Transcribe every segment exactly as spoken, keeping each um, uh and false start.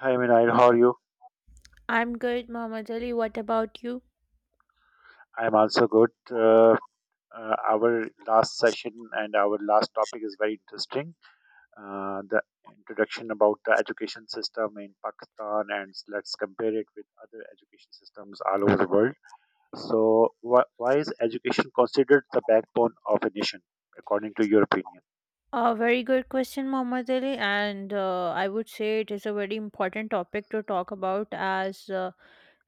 Hi, Minayal. How are you? I'm good, Muhammad Ali. What about you? I'm also good. Uh, uh, our last session and our last topic is very interesting. Uh, the introduction about the education system in Pakistan, and let's compare it with other education systems all over the world. So, wh- why is education considered the backbone of a nation, according to your opinion? A very good question, Muhammad Ali, and uh, I would say it is a very important topic to talk about as uh,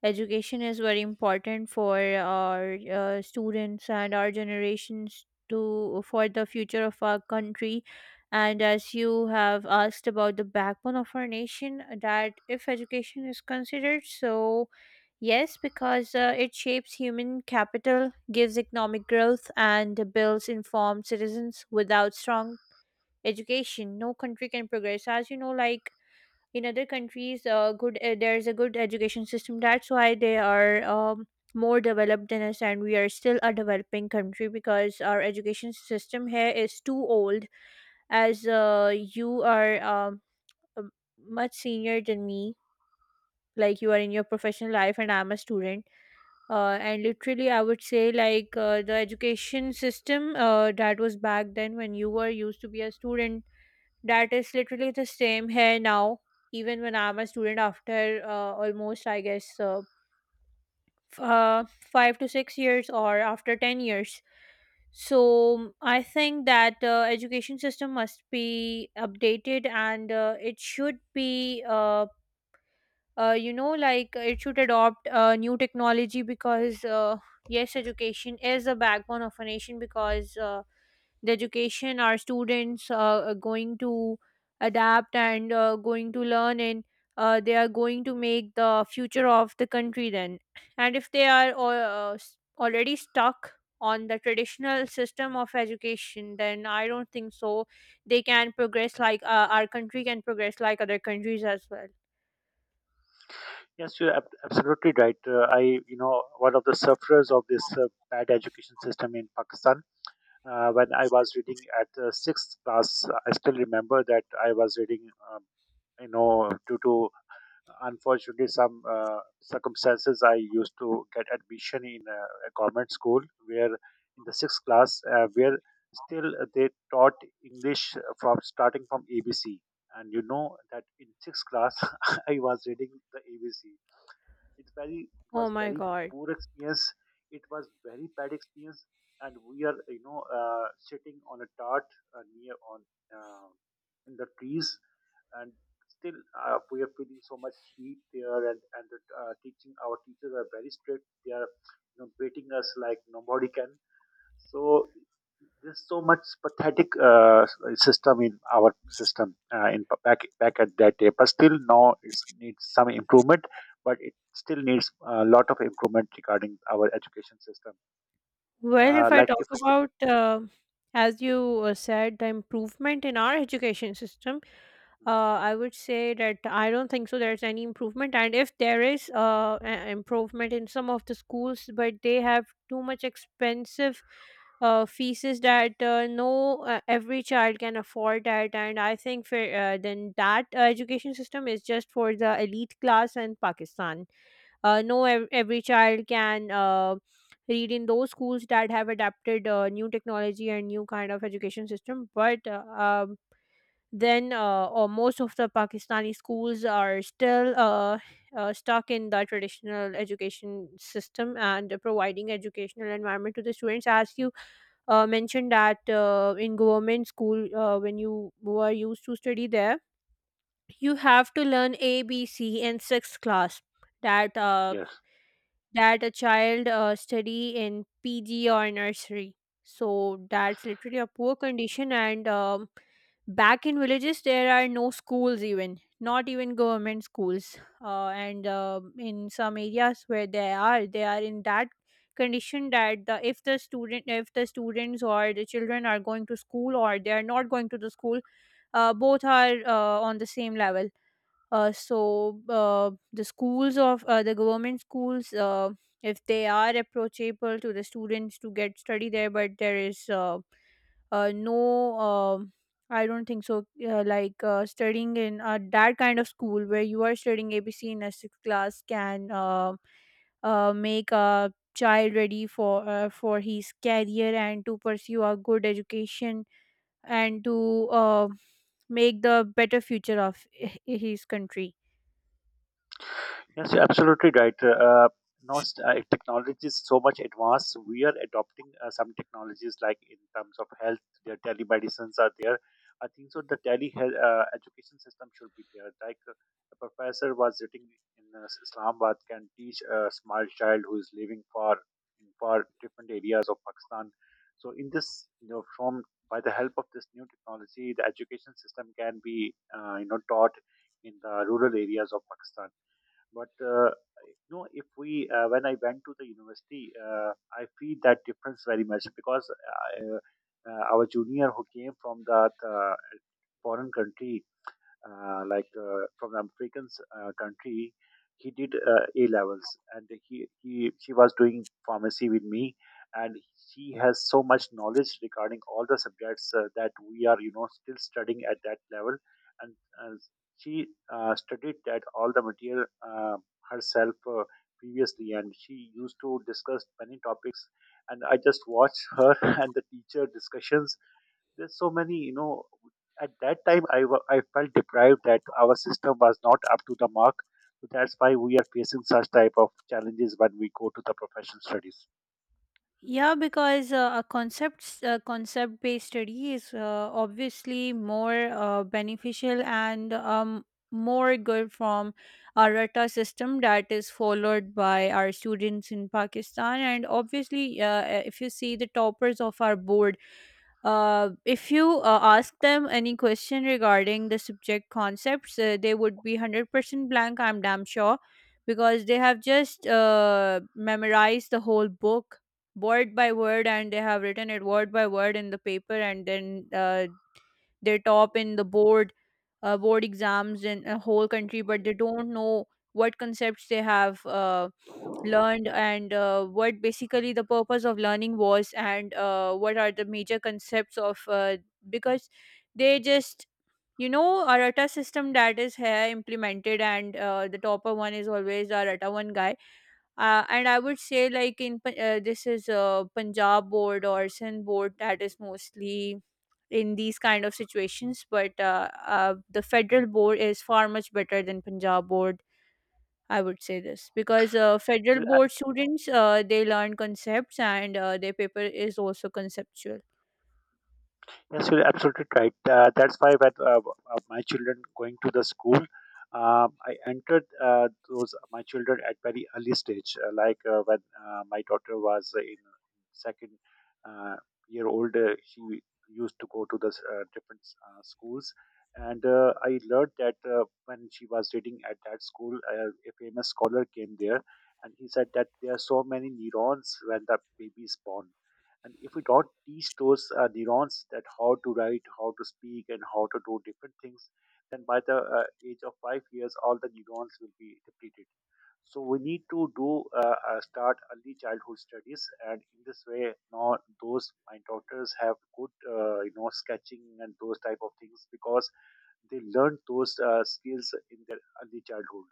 education is very important for our uh, students and our generations to for the future of our country. And as you have asked about the backbone of our nation, that if education is considered, so yes, because uh, it shapes human capital, gives economic growth, and builds informed citizens. Without strong education, no country can progress. As you know, like in other countries, uh, good uh, there is a good education system. That's why they are um, more developed than us, and we are still a developing country because our education system here is too old. As uh, you are um, uh, much senior than me, like you are in your professional life, and I'm a student uh, and literally I would say like uh, the education system uh, that was back then when you were used to be a student, that is literally the same here now, even when I'm a student after uh, almost I guess uh, f- uh, five to six years or after ten years. So I think that uh, education system must be updated and uh, it should be uh, uh, you know like uh, it should adopt uh, new technology, because uh, yes education is the backbone of a nation because uh, the education our students uh, are going to adapt and uh, going to learn, and uh, they are going to make the future of the country then. And if they are al- uh, s- already stuck on the traditional system of education, then I don't think so they can progress like uh, our country can progress like other countries as well. Yes, you're ab- absolutely right. Uh, I, you know, one of the sufferers of this uh, bad education system in Pakistan, uh, when I was reading at the sixth class, I still remember that I was reading, um, you know, due to unfortunately some uh, circumstances, I used to get admission in a, a government school where in the sixth class, uh, where still they taught English from starting from A B C. And you know that in sixth class, I was reading the A B C. It's very, it Oh was my very god. poor experience. It was very bad experience, and we are, you know, uh, sitting on a tart uh, near on uh, in the trees, and still uh, we are feeling so much heat there, and and the uh, teaching our teachers are very strict. They are, you know, beating us like nobody can. So there's so much pathetic uh, system in our system uh, in back back at that day, but still now it needs some improvement. But it still needs a lot of improvement regarding our education system. Well, Uh, if I like talk if we could, about, uh, as you uh, said, the improvement in our education system, uh, I would say that I don't think so there's any improvement. And if there is uh, a- improvement in some of the schools, but they have too much expensive uh, fees that uh, no uh, every child can afford that. And I think for, uh, then that uh, education system is just for the elite class in Pakistan. Uh, no, ev- every child can uh, read in those schools that have adapted uh, new technology and new kind of education system. But uh, um, then, uh, or most of the Pakistani schools are still uh, uh, stuck in the traditional education system and providing educational environment to the students. As you uh, mentioned that uh, in government school, uh, when you were used to study there, you have to learn A, B, C in sixth class. That uh, yes. that a child uh, study in P G or nursery. So that's literally a poor condition. And um, back in villages, there are no schools even, not even government schools. Uh, and um in some areas where they are, they are in that condition that the, if the student if the students or the children are going to school or they are not going to the school, uh, both are uh, on the same level. Uh, so uh, the schools of uh, the government schools, uh, if they are approachable to the students to get study there, but there is uh, uh, no, um I don't think so. Uh, like uh, studying in uh, that kind of school where you are studying A B C in a sixth class can uh, uh, make a child ready for uh, for his career, and to pursue a good education and to uh, make the better future of h- his country. Yes, you're absolutely right. Uh, now, s- uh, technology is so much advanced. We are adopting uh, some technologies like in terms of health, their telemedicines are there. I think so. The tele uh, education system should be there. Like uh, a professor was sitting in uh, Islamabad can teach a small child who is living far in far different areas of Pakistan. So, in this, you know, from by the help of this new technology, the education system can be, uh, you know, taught in the rural areas of Pakistan, but uh, you know, if we uh, when I went to the university, uh, I feel that difference very much because uh, uh, our junior who came from that uh, foreign country, uh, like uh, from the African uh, country. He did uh, A levels, and he, he she was doing pharmacy with me, and she has so much knowledge regarding all the subjects uh, that we are, you know, still studying at that level, and uh, she uh, studied that all the material uh, herself uh, previously, and she used to discuss many topics. And I just watched her and the teacher discussions, there's so many, you know, at that time I, wa- I felt deprived that our system was not up to the mark. So that's why we are facing such type of challenges when we go to the professional studies. Yeah, because uh, a concepts uh, concept based study is uh, obviously more uh, beneficial and um, more good from our RATA system that is followed by our students in Pakistan. And obviously, uh, if you see the toppers of our board, uh, if you uh, ask them any question regarding the subject concepts, uh, they would be one hundred percent blank, I'm damn sure, because they have just uh, memorized the whole book word by word, and they have written it word by word in the paper, and then uh, they top in the board uh, board exams in a whole country, but they don't know what concepts they have uh, learned and uh, what basically the purpose of learning was, and uh, what are the major concepts of, uh, because they just you know arata system that is here implemented, and uh, the topper one is always the arata one guy, uh, and I would say like in Pa- uh, this is a Punjab board or Sindh board that is mostly in these kind of situations, but uh, uh, the federal board is far much better than Punjab board, I would say this because uh, federal You- board students uh, they learn concepts and uh, their paper is also conceptual. Yes, you're absolutely right. Uh, that's why when uh, uh, my children going to the school, um, I entered uh, those my children at very early stage. Uh, like uh, when uh, my daughter was in second uh, year old, uh, she used to go to the uh, different uh, schools, and uh, I learned that uh, when she was reading at that school, uh, a famous scholar came there, and he said that there are so many neurons when the baby is born, and if we don't teach those uh, neurons that how to write, how to speak, and how to do different things, then by the uh, age of five years, all the neurons will be depleted. So we need to do uh, uh, start early childhood studies, and in this way, now those mind doctors have good, uh, you know, sketching and those type of things because they learn those uh, skills in their early childhood.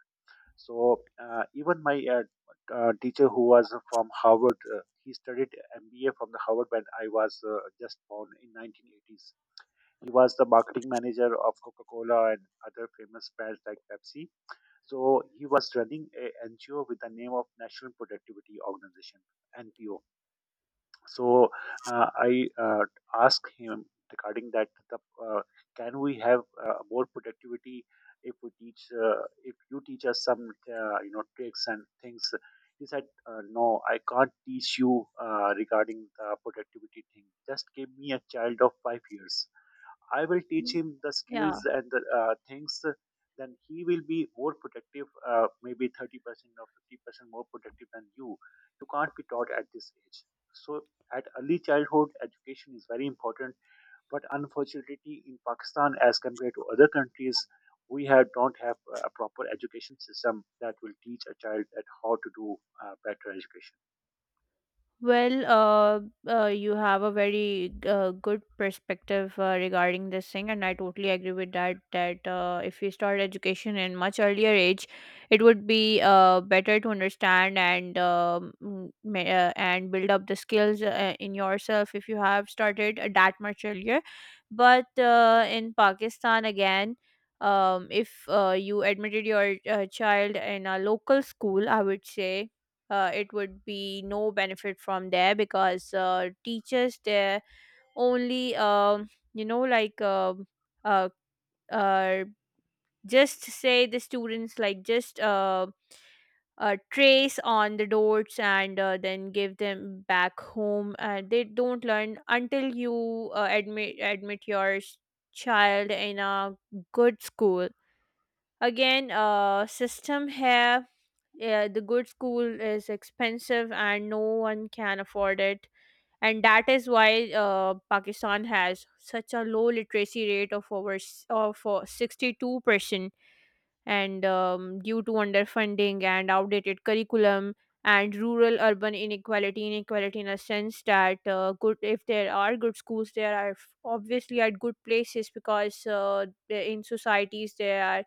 So uh, even my uh, uh, teacher who was from Harvard, uh, he studied M B A from the Harvard when I was uh, just born in nineteen eighties. He was the marketing manager of Coca-Cola and other famous brands like Pepsi. So he was running a N G O with the name of National Productivity Organization (N P O). So uh, I uh, asked him regarding that the, uh, can we have uh, more productivity if we teach uh, if you teach us some, uh, you know, tricks and things. He said, uh, "No, I can't teach you uh, regarding the productivity thing. Just give me a child of five years. I will teach Mm. him the Yeah. skills and the uh, things, then he will be more productive, uh, maybe thirty percent or fifty percent more productive than you. You can't be taught at this age." So, at early childhood, education is very important. But unfortunately, in Pakistan, as compared to other countries, we have don't have a proper education system that will teach a child at how to do uh, better education. Well, uh, uh, you have a very uh, good perspective uh, regarding this thing, and I totally agree with that. That uh, if you start education in much earlier age, it would be uh, better to understand and um, mm, ma- uh, and build up the skills uh, in yourself if you have started uh, that much earlier. But uh, in Pakistan, again, um, if uh, you admitted your uh, child in a local school, I would say uh, it would be no benefit from there because uh, teachers there only um, you know like um uh, uh, just say the students like just uh, uh, trace on the dots and uh, then give them back home, uh, they don't learn until you uh, admit admit your s- child in a good school. Again, uh system here. Yeah, the good school is expensive and no one can afford it. And that is why uh, Pakistan has such a low literacy rate of over s- of sixty two percent, and um, due to underfunding and outdated curriculum, and rural urban inequality inequality in a sense that uh, good if there are good schools there are f- obviously at good places, because uh, in societies there are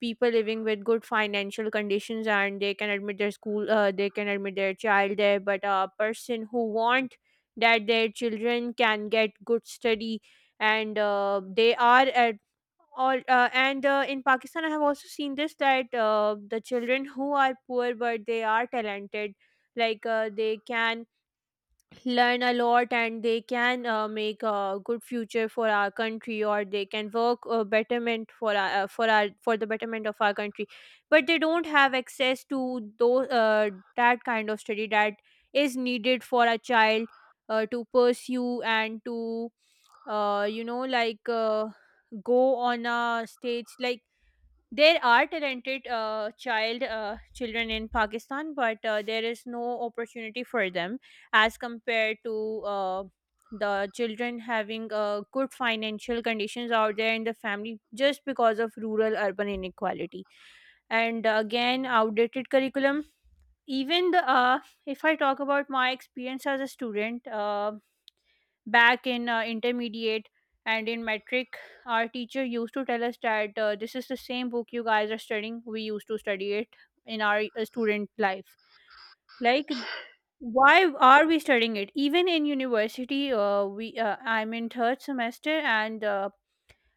people living with good financial conditions and they can admit their school, uh, they can admit their child there, but a person who want that their children can get good study and uh, they are at all, uh, and uh, in Pakistan I have also seen this that uh, the children who are poor but they are talented, like uh, they can learn a lot and they can uh, make a good future for our country, or they can work uh, betterment for our, uh, for our for the betterment of our country, but they don't have access to those uh, that kind of study that is needed for a child uh, to pursue and to uh, you know like uh, go on a stage, like there are talented uh, child uh, children in Pakistan, but uh, there is no opportunity for them as compared to uh, the children having uh, good financial conditions out there in the family just because of rural urban inequality. And uh, again, outdated curriculum. Even the uh, if I talk about my experience as a student, uh, back in uh, intermediate and in metric, our teacher used to tell us that uh, this is the same book you guys are studying, we used to study it in our uh, student life. Like, why are we studying it even in university? Uh, we uh, I'm in third semester, and uh,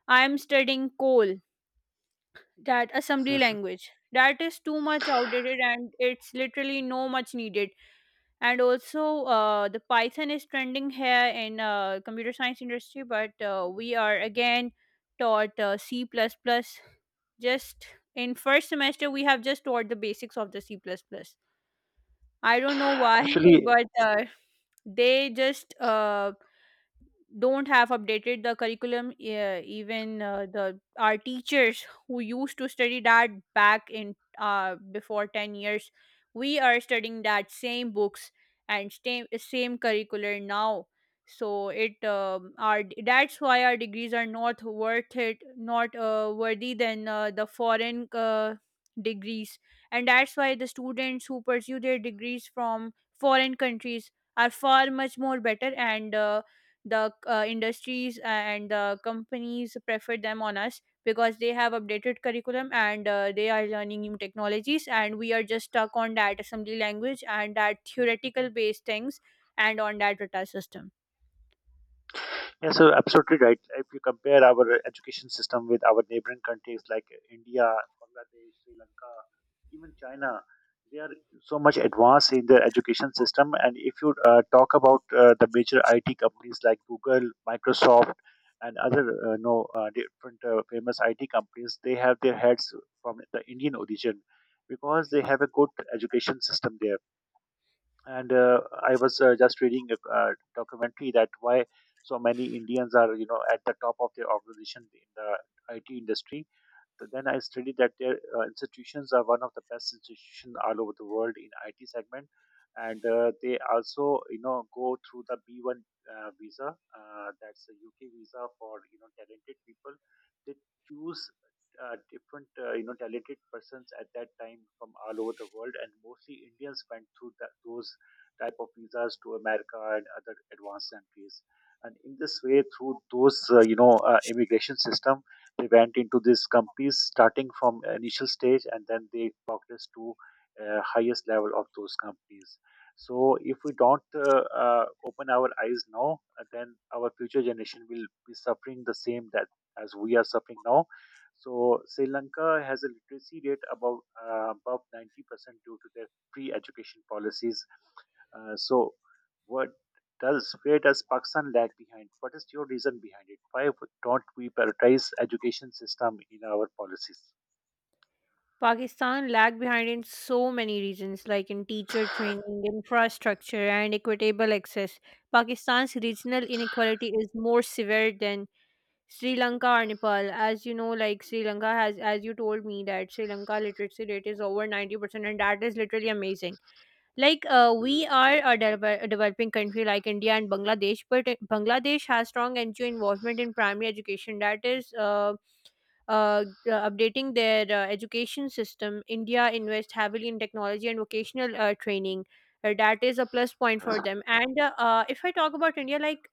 I'm studying coal, that assembly language that is too much outdated and it's literally no much needed. And also uh, the python is trending here in uh, computer science industry, but uh, we are again taught uh, c++ plus plus. Just in first semester we have just taught the basics of the c++ plus plus. I don't know why Actually, but uh, they just uh, don't have updated the curriculum, uh, even uh, the our teachers who used to study that back in uh, before ten years, we are studying that same books and same same curricular now. So it um, our that's why our degrees are not worth it, not uh, worthy than uh, the foreign uh, degrees. And that's why the students who pursue their degrees from foreign countries are far much more better, and uh, the uh, industries and the companies prefer them on us, because they have updated curriculum and uh, they are learning new technologies, and we are just stuck on that assembly language and that theoretical based things, and on that rata system. yes, so absolutely right. If you compare our education system with our neighboring countries like India, Bangladesh, Sri Lanka, even China, they are so much advanced in their education system. And if you uh, talk about uh, the major I T companies like Google, Microsoft, and other uh, no uh, different uh, famous I T companies, they have their heads from the Indian origin because they have a good education system there. And uh, I was uh, just reading a uh, documentary that why so many Indians are, you know, at the top of their organization in the IT industry. Th- Then I studied that their uh, institutions are one of the best institutions all over the world in I T segment, and uh, they also, you know, go through the B one uh, visa, uh, that's a U K visa for, you know, talented people. They choose uh, different, uh, you know, talented persons at that time from all over the world, and mostly Indians went through that, those type of visas to America and other advanced countries. And in this way, through those, uh, you know, uh, immigration system, they went into these companies starting from initial stage, and then they progress to uh, highest level of those companies. So if we don't uh, uh, open our eyes now, uh, then our future generation will be suffering the same that as we are suffering now. So Sri Lanka has a literacy rate about uh, above ninety percent due to their free education policies. Uh, so what does, where does Pakistan lag behind? What is your reason behind it? Why don't we prioritize education system in our policies? Pakistan lag behind in so many regions like in teacher training infrastructure and equitable access. Pakistan's regional inequality is more severe than Sri Lanka or Nepal. As you know, like Sri Lanka has, as you told me, that Sri Lanka literacy rate is over ninety percent, and that is literally amazing. Like, uh, we Hmm. are a, devel- a developing country like India and Bangladesh, but uh, Bangladesh has strong N G O involvement in primary education. That is, uh, uh, uh, updating their uh, education system. India invests heavily in technology and vocational uh, training. Uh, that is a plus point for Yes. them. And uh, uh, if I talk about India, like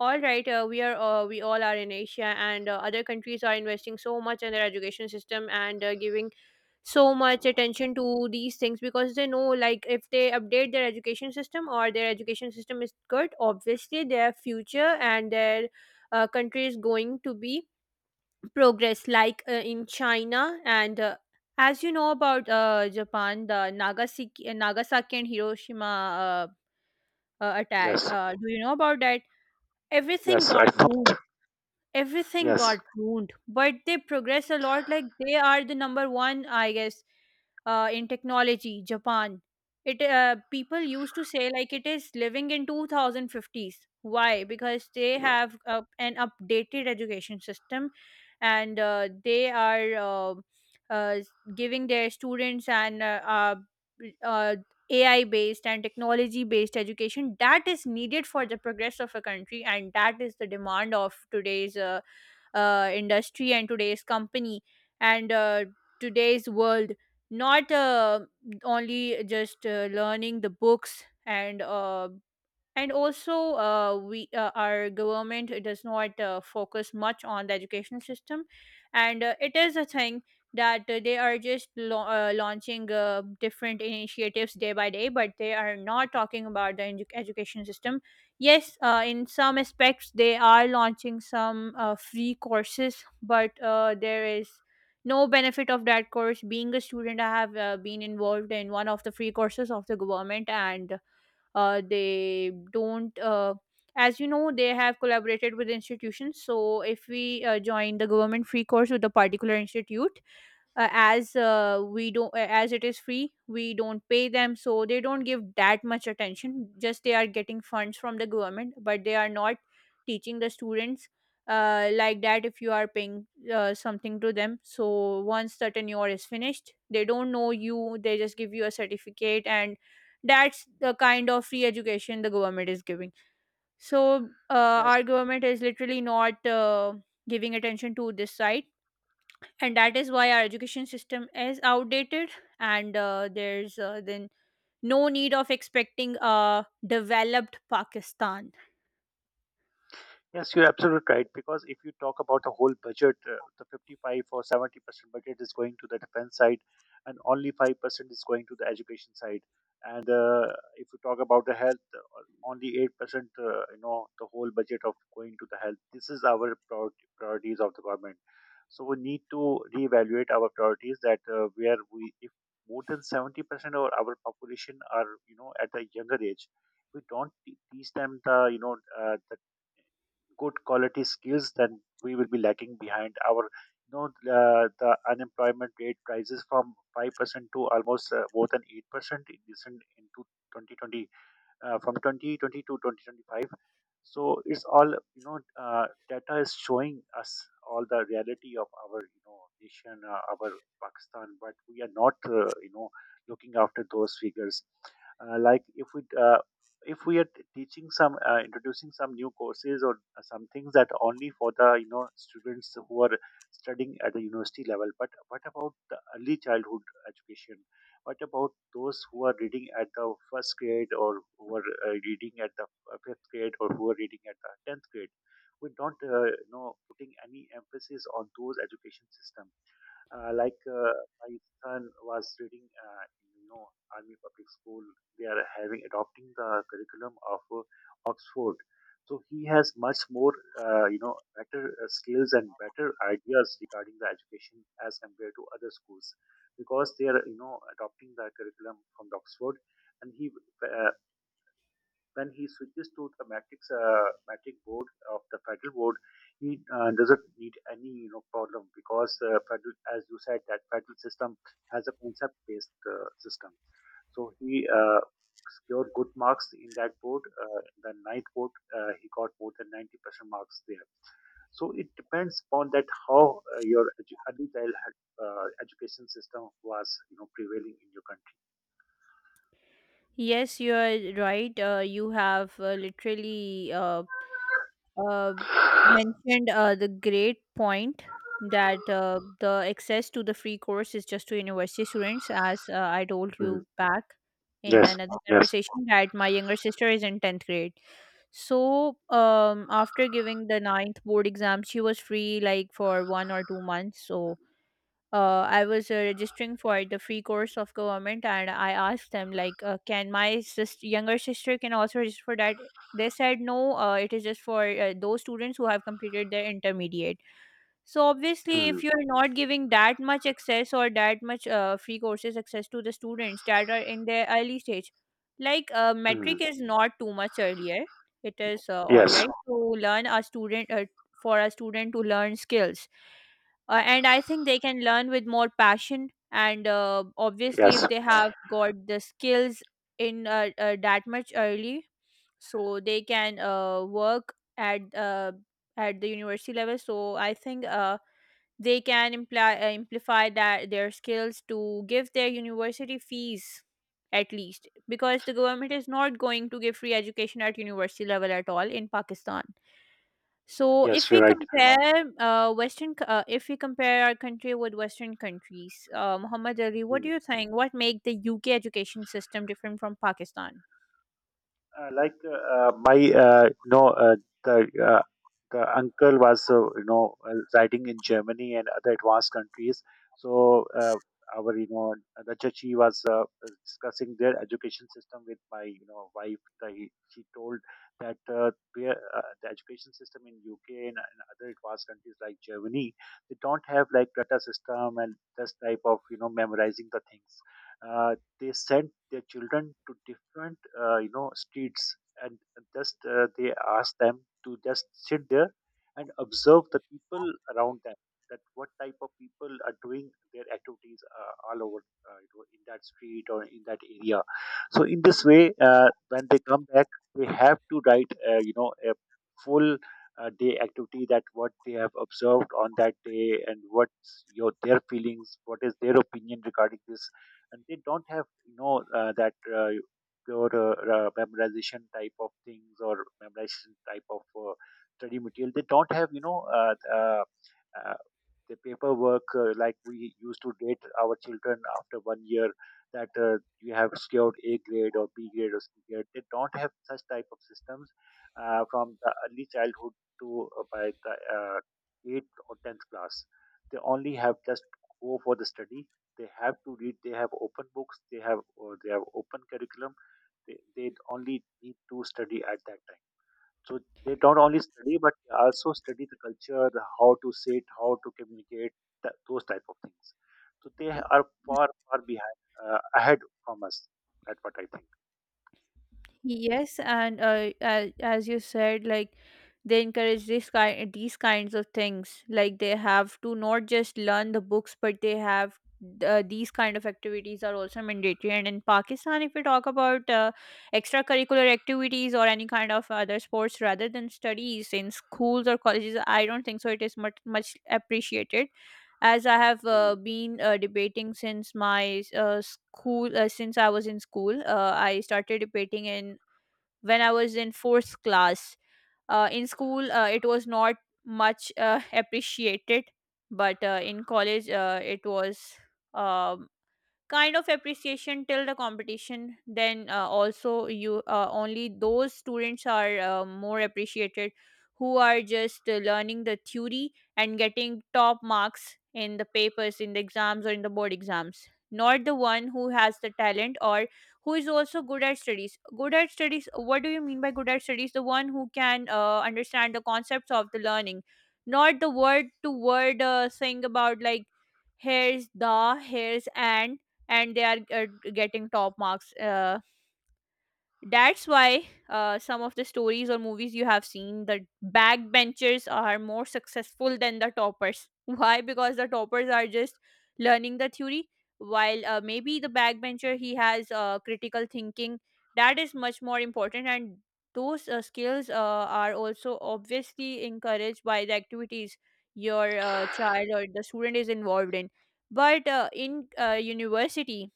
all right, uh, we are uh, we all are in Asia, and uh, other countries are investing so much in their education system and uh, giving so much attention to these things because they know, like, if they update their education system or their education system is good, obviously their future and their uh, country is going to be progress, like uh, in China and. Uh, as you know about uh, Japan, the Nagasaki, Nagasaki and Hiroshima uh, uh, attack, Yes. uh, do you know about that? Everything Yes. I got know. ruined, everything Yes. got ruined but they progress a lot. Like they are the number one, I guess, uh, in technology. Japan, it uh, people used to say like it is living in two thousand fifties. Why? Because they have uh, an updated education system, and uh, they are uh, uh, giving their students and uh, uh, uh, A I based and technology based education that is needed for the progress of a country, and that is the demand of today's uh, uh, industry and today's company, and uh, today's world. Not uh, only just uh, learning the books. And uh, and also uh, we uh, our government does not uh, focus much on the education system, and uh, it is a thing that uh, they are just lo- uh, launching uh, different initiatives day by day, but they are not talking about the edu- education system. Yes, uh, in some aspects they are launching some uh, free courses, but uh, there is no benefit of that course. Being a student, I have uh, been involved in one of the free courses of the government, and uh, they don't uh, as you know, they have collaborated with institutions. So if we uh, join the government free course with a particular institute, uh, as uh, we don't uh, as it is free, we don't pay them, so they don't give that much attention. Just they are getting funds from the government, but they are not teaching the students uh, like that. If you are paying uh, something to them, so once the tenure is finished, they don't know you. They just give you a certificate, and that's the kind of free education the government is giving. So uh, Yes. our government is literally not uh, giving attention to this side, and that is why our education system is outdated, and uh, there's uh, then no need of expecting a developed Pakistan. Yes, you're absolutely right. Because if you talk about the whole budget, uh, the fifty-five or seventy percent budget is going to the defense side, and only five percent is going to the education side. And uh, if you talk about the health, uh, only eight percent, uh, you know, the whole budget of going to the health. This is our prior- priorities of the government. So we need to reevaluate our priorities that uh, where we, if more than seventy percent of our population are, you know, at a younger age, we don't te- teach them the, you know, uh, the good quality skills, then we will be lagging behind our, you know, uh, the unemployment rate rises from five percent to almost uh, more than eight percent in recent into twenty twenty, uh, from twenty twenty to twenty twenty-five. So it's all, you know, uh, data is showing us all the reality of our, you know, nation, uh, our Pakistan, but we are not, uh, you know, looking after those figures. uh, like if we uh, if we are teaching some, uh, introducing some new courses or uh, some things that only for the, you know, students who are studying at the university level, but what about the early childhood education? What about those who are reading at the first grade, or who are uh, reading at the uh, fifth grade, or who are reading at the tenth grade? We're not, uh, you know, putting any emphasis on those education system. Uh, like uh, my son was reading, uh, in, you know, Army Public School. They are having adopting the curriculum of uh, Oxford. So he has much more, uh, you know, better uh, skills and better ideas regarding the education as compared to other schools, because they are, you know, adopting the curriculum from the Oxford, and he uh, when he switches to the matrix uh, matrix board of the federal board, he uh, doesn't need any, you know, problem because uh, federal, as you said, that federal system has a concept based uh, system. So he uh, secured good marks in that board. Uh, the ninth board, uh, he got more than ninety percent marks there. So it depends upon that how uh, your edu- early child had, uh, education system was, you know, prevailing in your country. Yes, you are right. Uh, you have uh, literally uh, uh, mentioned uh, the great point that uh, the access to the free course is just to university students. As uh, I told Mm. you back in Yes. another Yes. conversation that my younger sister is in tenth grade. So um, after giving the ninth board exam, she was free, like for one or two months. So uh, I was uh, registering for the free course of government, and I asked them, like, uh, "Can my sister, younger sister can also register for that?" They said, "No, uh, it is just for uh, those students who have completed their intermediate." So obviously, Mm. if you're not giving that much access or that much uh, free courses access to the students that are in their early stage, like uh, Mm. metric is not too much earlier. It is uh, all Yes. right to learn a student uh, for a student to learn skills, uh, and I think they can learn with more passion, and uh, obviously Yes. if they have got the skills in uh, uh, that much early, so they can uh, work at uh, at the university level. So I think uh, they can imply uh, amplify that their skills to give their university fees, at least, because the government is not going to give free education at university level at all in Pakistan. So if Yes, we you're right. compare uh, Western, c- uh, if we compare our country with Western countries, uh, Muhammad Ali, what do Mm. you think? What make the U K education system different from Pakistan? Uh, like uh, uh, my, uh, you know, uh, the uh, the uncle was, uh, you know, uh, riding in Germany and other advanced countries. So uh, our, you know, the chachi was uh, discussing their education system with my, you know, wife. The, he- she told that uh, where, uh, the education system in U K and, and other advanced countries like Germany, they don't have like data system and this type of, you know, memorizing the things. Uh, they sent their children to different, uh, you know, streets and just uh, they ask them to just sit there and observe the people around them, that what type of people are doing their activities uh, all over, uh, you know, in that street or in that area. So in this way, uh, when they come back, they have to write, uh, you know, a full uh, day activity that what they have observed on that day, and what's your their feelings, what is their opinion regarding this. And they don't have, you know, uh, that uh, pure uh, uh, memorization type of things, or memorization type of uh, study material. They don't have, you know, uh, uh, uh, the paperwork, uh, like we used to date our children after one year that uh, you have secured A grade or B grade or C grade. They don't have such type of systems uh, from the early childhood to uh, by the uh, eighth or tenth class. They only have just go for the study. They have to read, they have open books, they have, or they have open curriculum. They, they only need to study at that time. So they don't only study, but they also study the culture, the how to sit, how to communicate, th- those type of things. So they are far far behind, uh, ahead from us. That's what I think. Yes, and uh, as, as you said, like they encourage this kind these kinds of things. Like they have to not just learn the books, but they have uh, these kind of activities are also mandatory. And in Pakistan, if we talk about uh, extracurricular activities or any kind of other sports rather than studies in schools or colleges, I don't think so. It is much much appreciated. As I have uh, been uh, debating since my uh, school, uh, since I was in school, uh, I started debating in when I was in fourth class. Uh, in school, uh, it was not much uh, appreciated, but uh, in college, uh, it was. Um, kind of appreciation till the competition. Then uh, also you uh, only those students are uh, more appreciated who are just uh, learning the theory and getting top marks in the papers in the exams or in the board exams, not the one who has the talent or who is also good at studies. Good at studies? What do you mean by good at studies? The one who can uh, understand the concepts of the learning, not the word to word uh, thing about, like, here's the here's and and they are uh, getting top marks. Uh, that's why uh, some of the stories or movies you have seen, the backbenchers are more successful than the toppers. Why? Because the toppers are just learning the theory, while uh, maybe the backbencher, he has uh, critical thinking. That is much more important, and those uh, skills uh, are also obviously encouraged by the activities your uh, child or the student is involved in. But uh, in uh, university,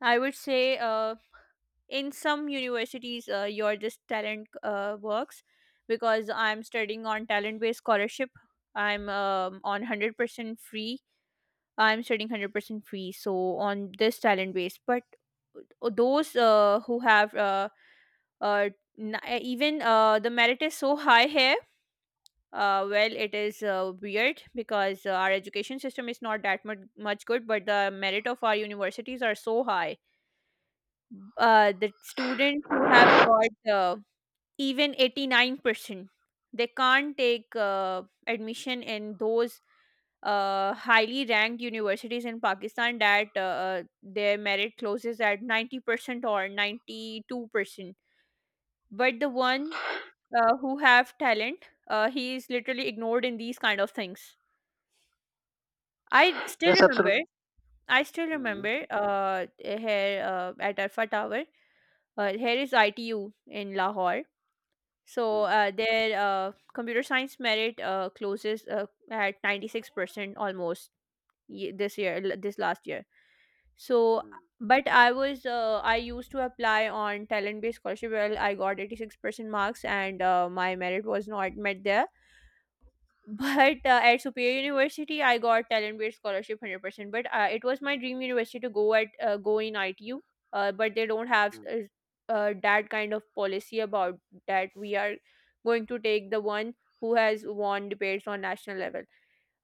I would say uh, in some universities, uh, your this talent uh, works because I'm studying on talent based scholarship. I'm um, on one hundred percent free. I'm studying one hundred percent free. So on this talent based, but uh, those uh, who have uh, uh, n- uh, even uh, the merit is so high here. Uh, well, it is uh, weird because uh, our education system is not that much, much good, but the merit of our universities are so high. Uh, the students who have Hmm. got uh, even eighty-nine percent, they can't take uh, admission in those uh, highly ranked universities in Pakistan, that uh, uh, their merit closes at ninety percent or ninety-two percent. But the one uh, who have talent, uh, he is literally ignored in these kind of things. i still Yes, absolutely. remember i still Hmm. remember uh, here uh, at Alpha Tower, uh, here is ITU in Lahore. So Hmm. uh, their uh, computer science merit uh, closes uh, at ninety-six percent almost ye- this year, l- this last year. So, Hmm. but I was, uh, I used to apply on talent based scholarship. Well, I got eighty-six percent marks, and uh, my merit was not met there. But uh, at Superior University, I got talent-based scholarship, one hundred percent. But uh, it was my dream university to go at uh, go in I T U. Uh, but they don't have Hmm. uh, uh, that kind of policy about that. We are going to take the one who has won debates on national level.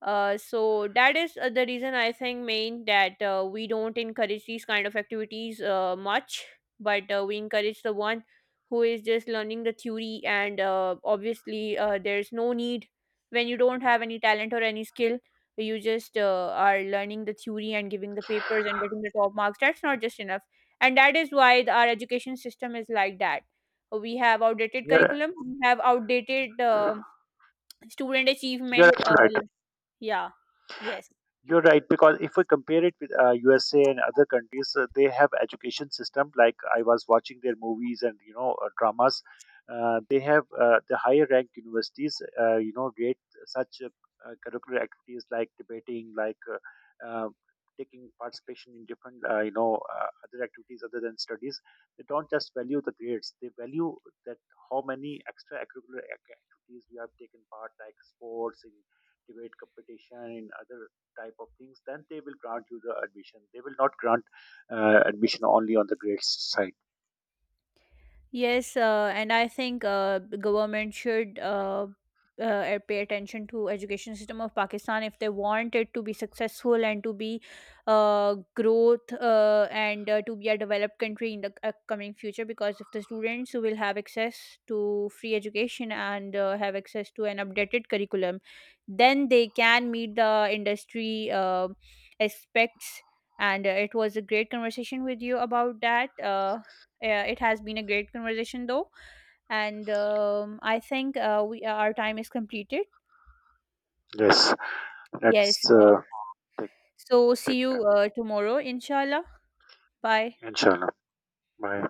Uh, so that is uh, the reason I think main, that uh, we don't encourage these kind of activities uh, much, but uh, we encourage the one who is just learning the theory. And uh, obviously uh, there's no need. When you don't have any talent or any skill, you just uh, are learning the theory and giving the papers and getting the top marks. That's not just enough, and that is why the, our education system is like that. We have outdated You're curriculum, we have outdated uh, student you're achievement, uh, absolutely right. yeah, yes. You're right, because if we compare it with uh, U S A and other countries, uh, they have education system. Like I was watching their movies and, you know, uh, dramas, uh, they have uh, the higher ranked universities. Uh, you know, rate such uh, uh, curricular activities like debating, like uh, uh, taking participation in different, uh, you know, uh, other activities other than studies. They don't just value the grades; they value that how many extra curricular activities you have taken part, like sports in debate competition in other type of things, then they will grant you the admission. They will not grant uh, admission only on the grades side. Yes, uh, and I think uh, the government should uh, uh, uh, pay attention to education system of Pakistan if they want it to be successful and to be uh, growth uh, and uh, to be a developed country in the upcoming future. Because if the students will have access to free education and uh, have access to an updated curriculum, then they can meet the industry uh, aspects. And uh, it was a great conversation with you about that. Uh, uh, it has been a great conversation, though, and um, I think uh, we uh, our time is completed. Yes, Yes. let's Uh, uh, take So see take you care. uh, tomorrow, inshallah. Bye. Inshallah. Bye.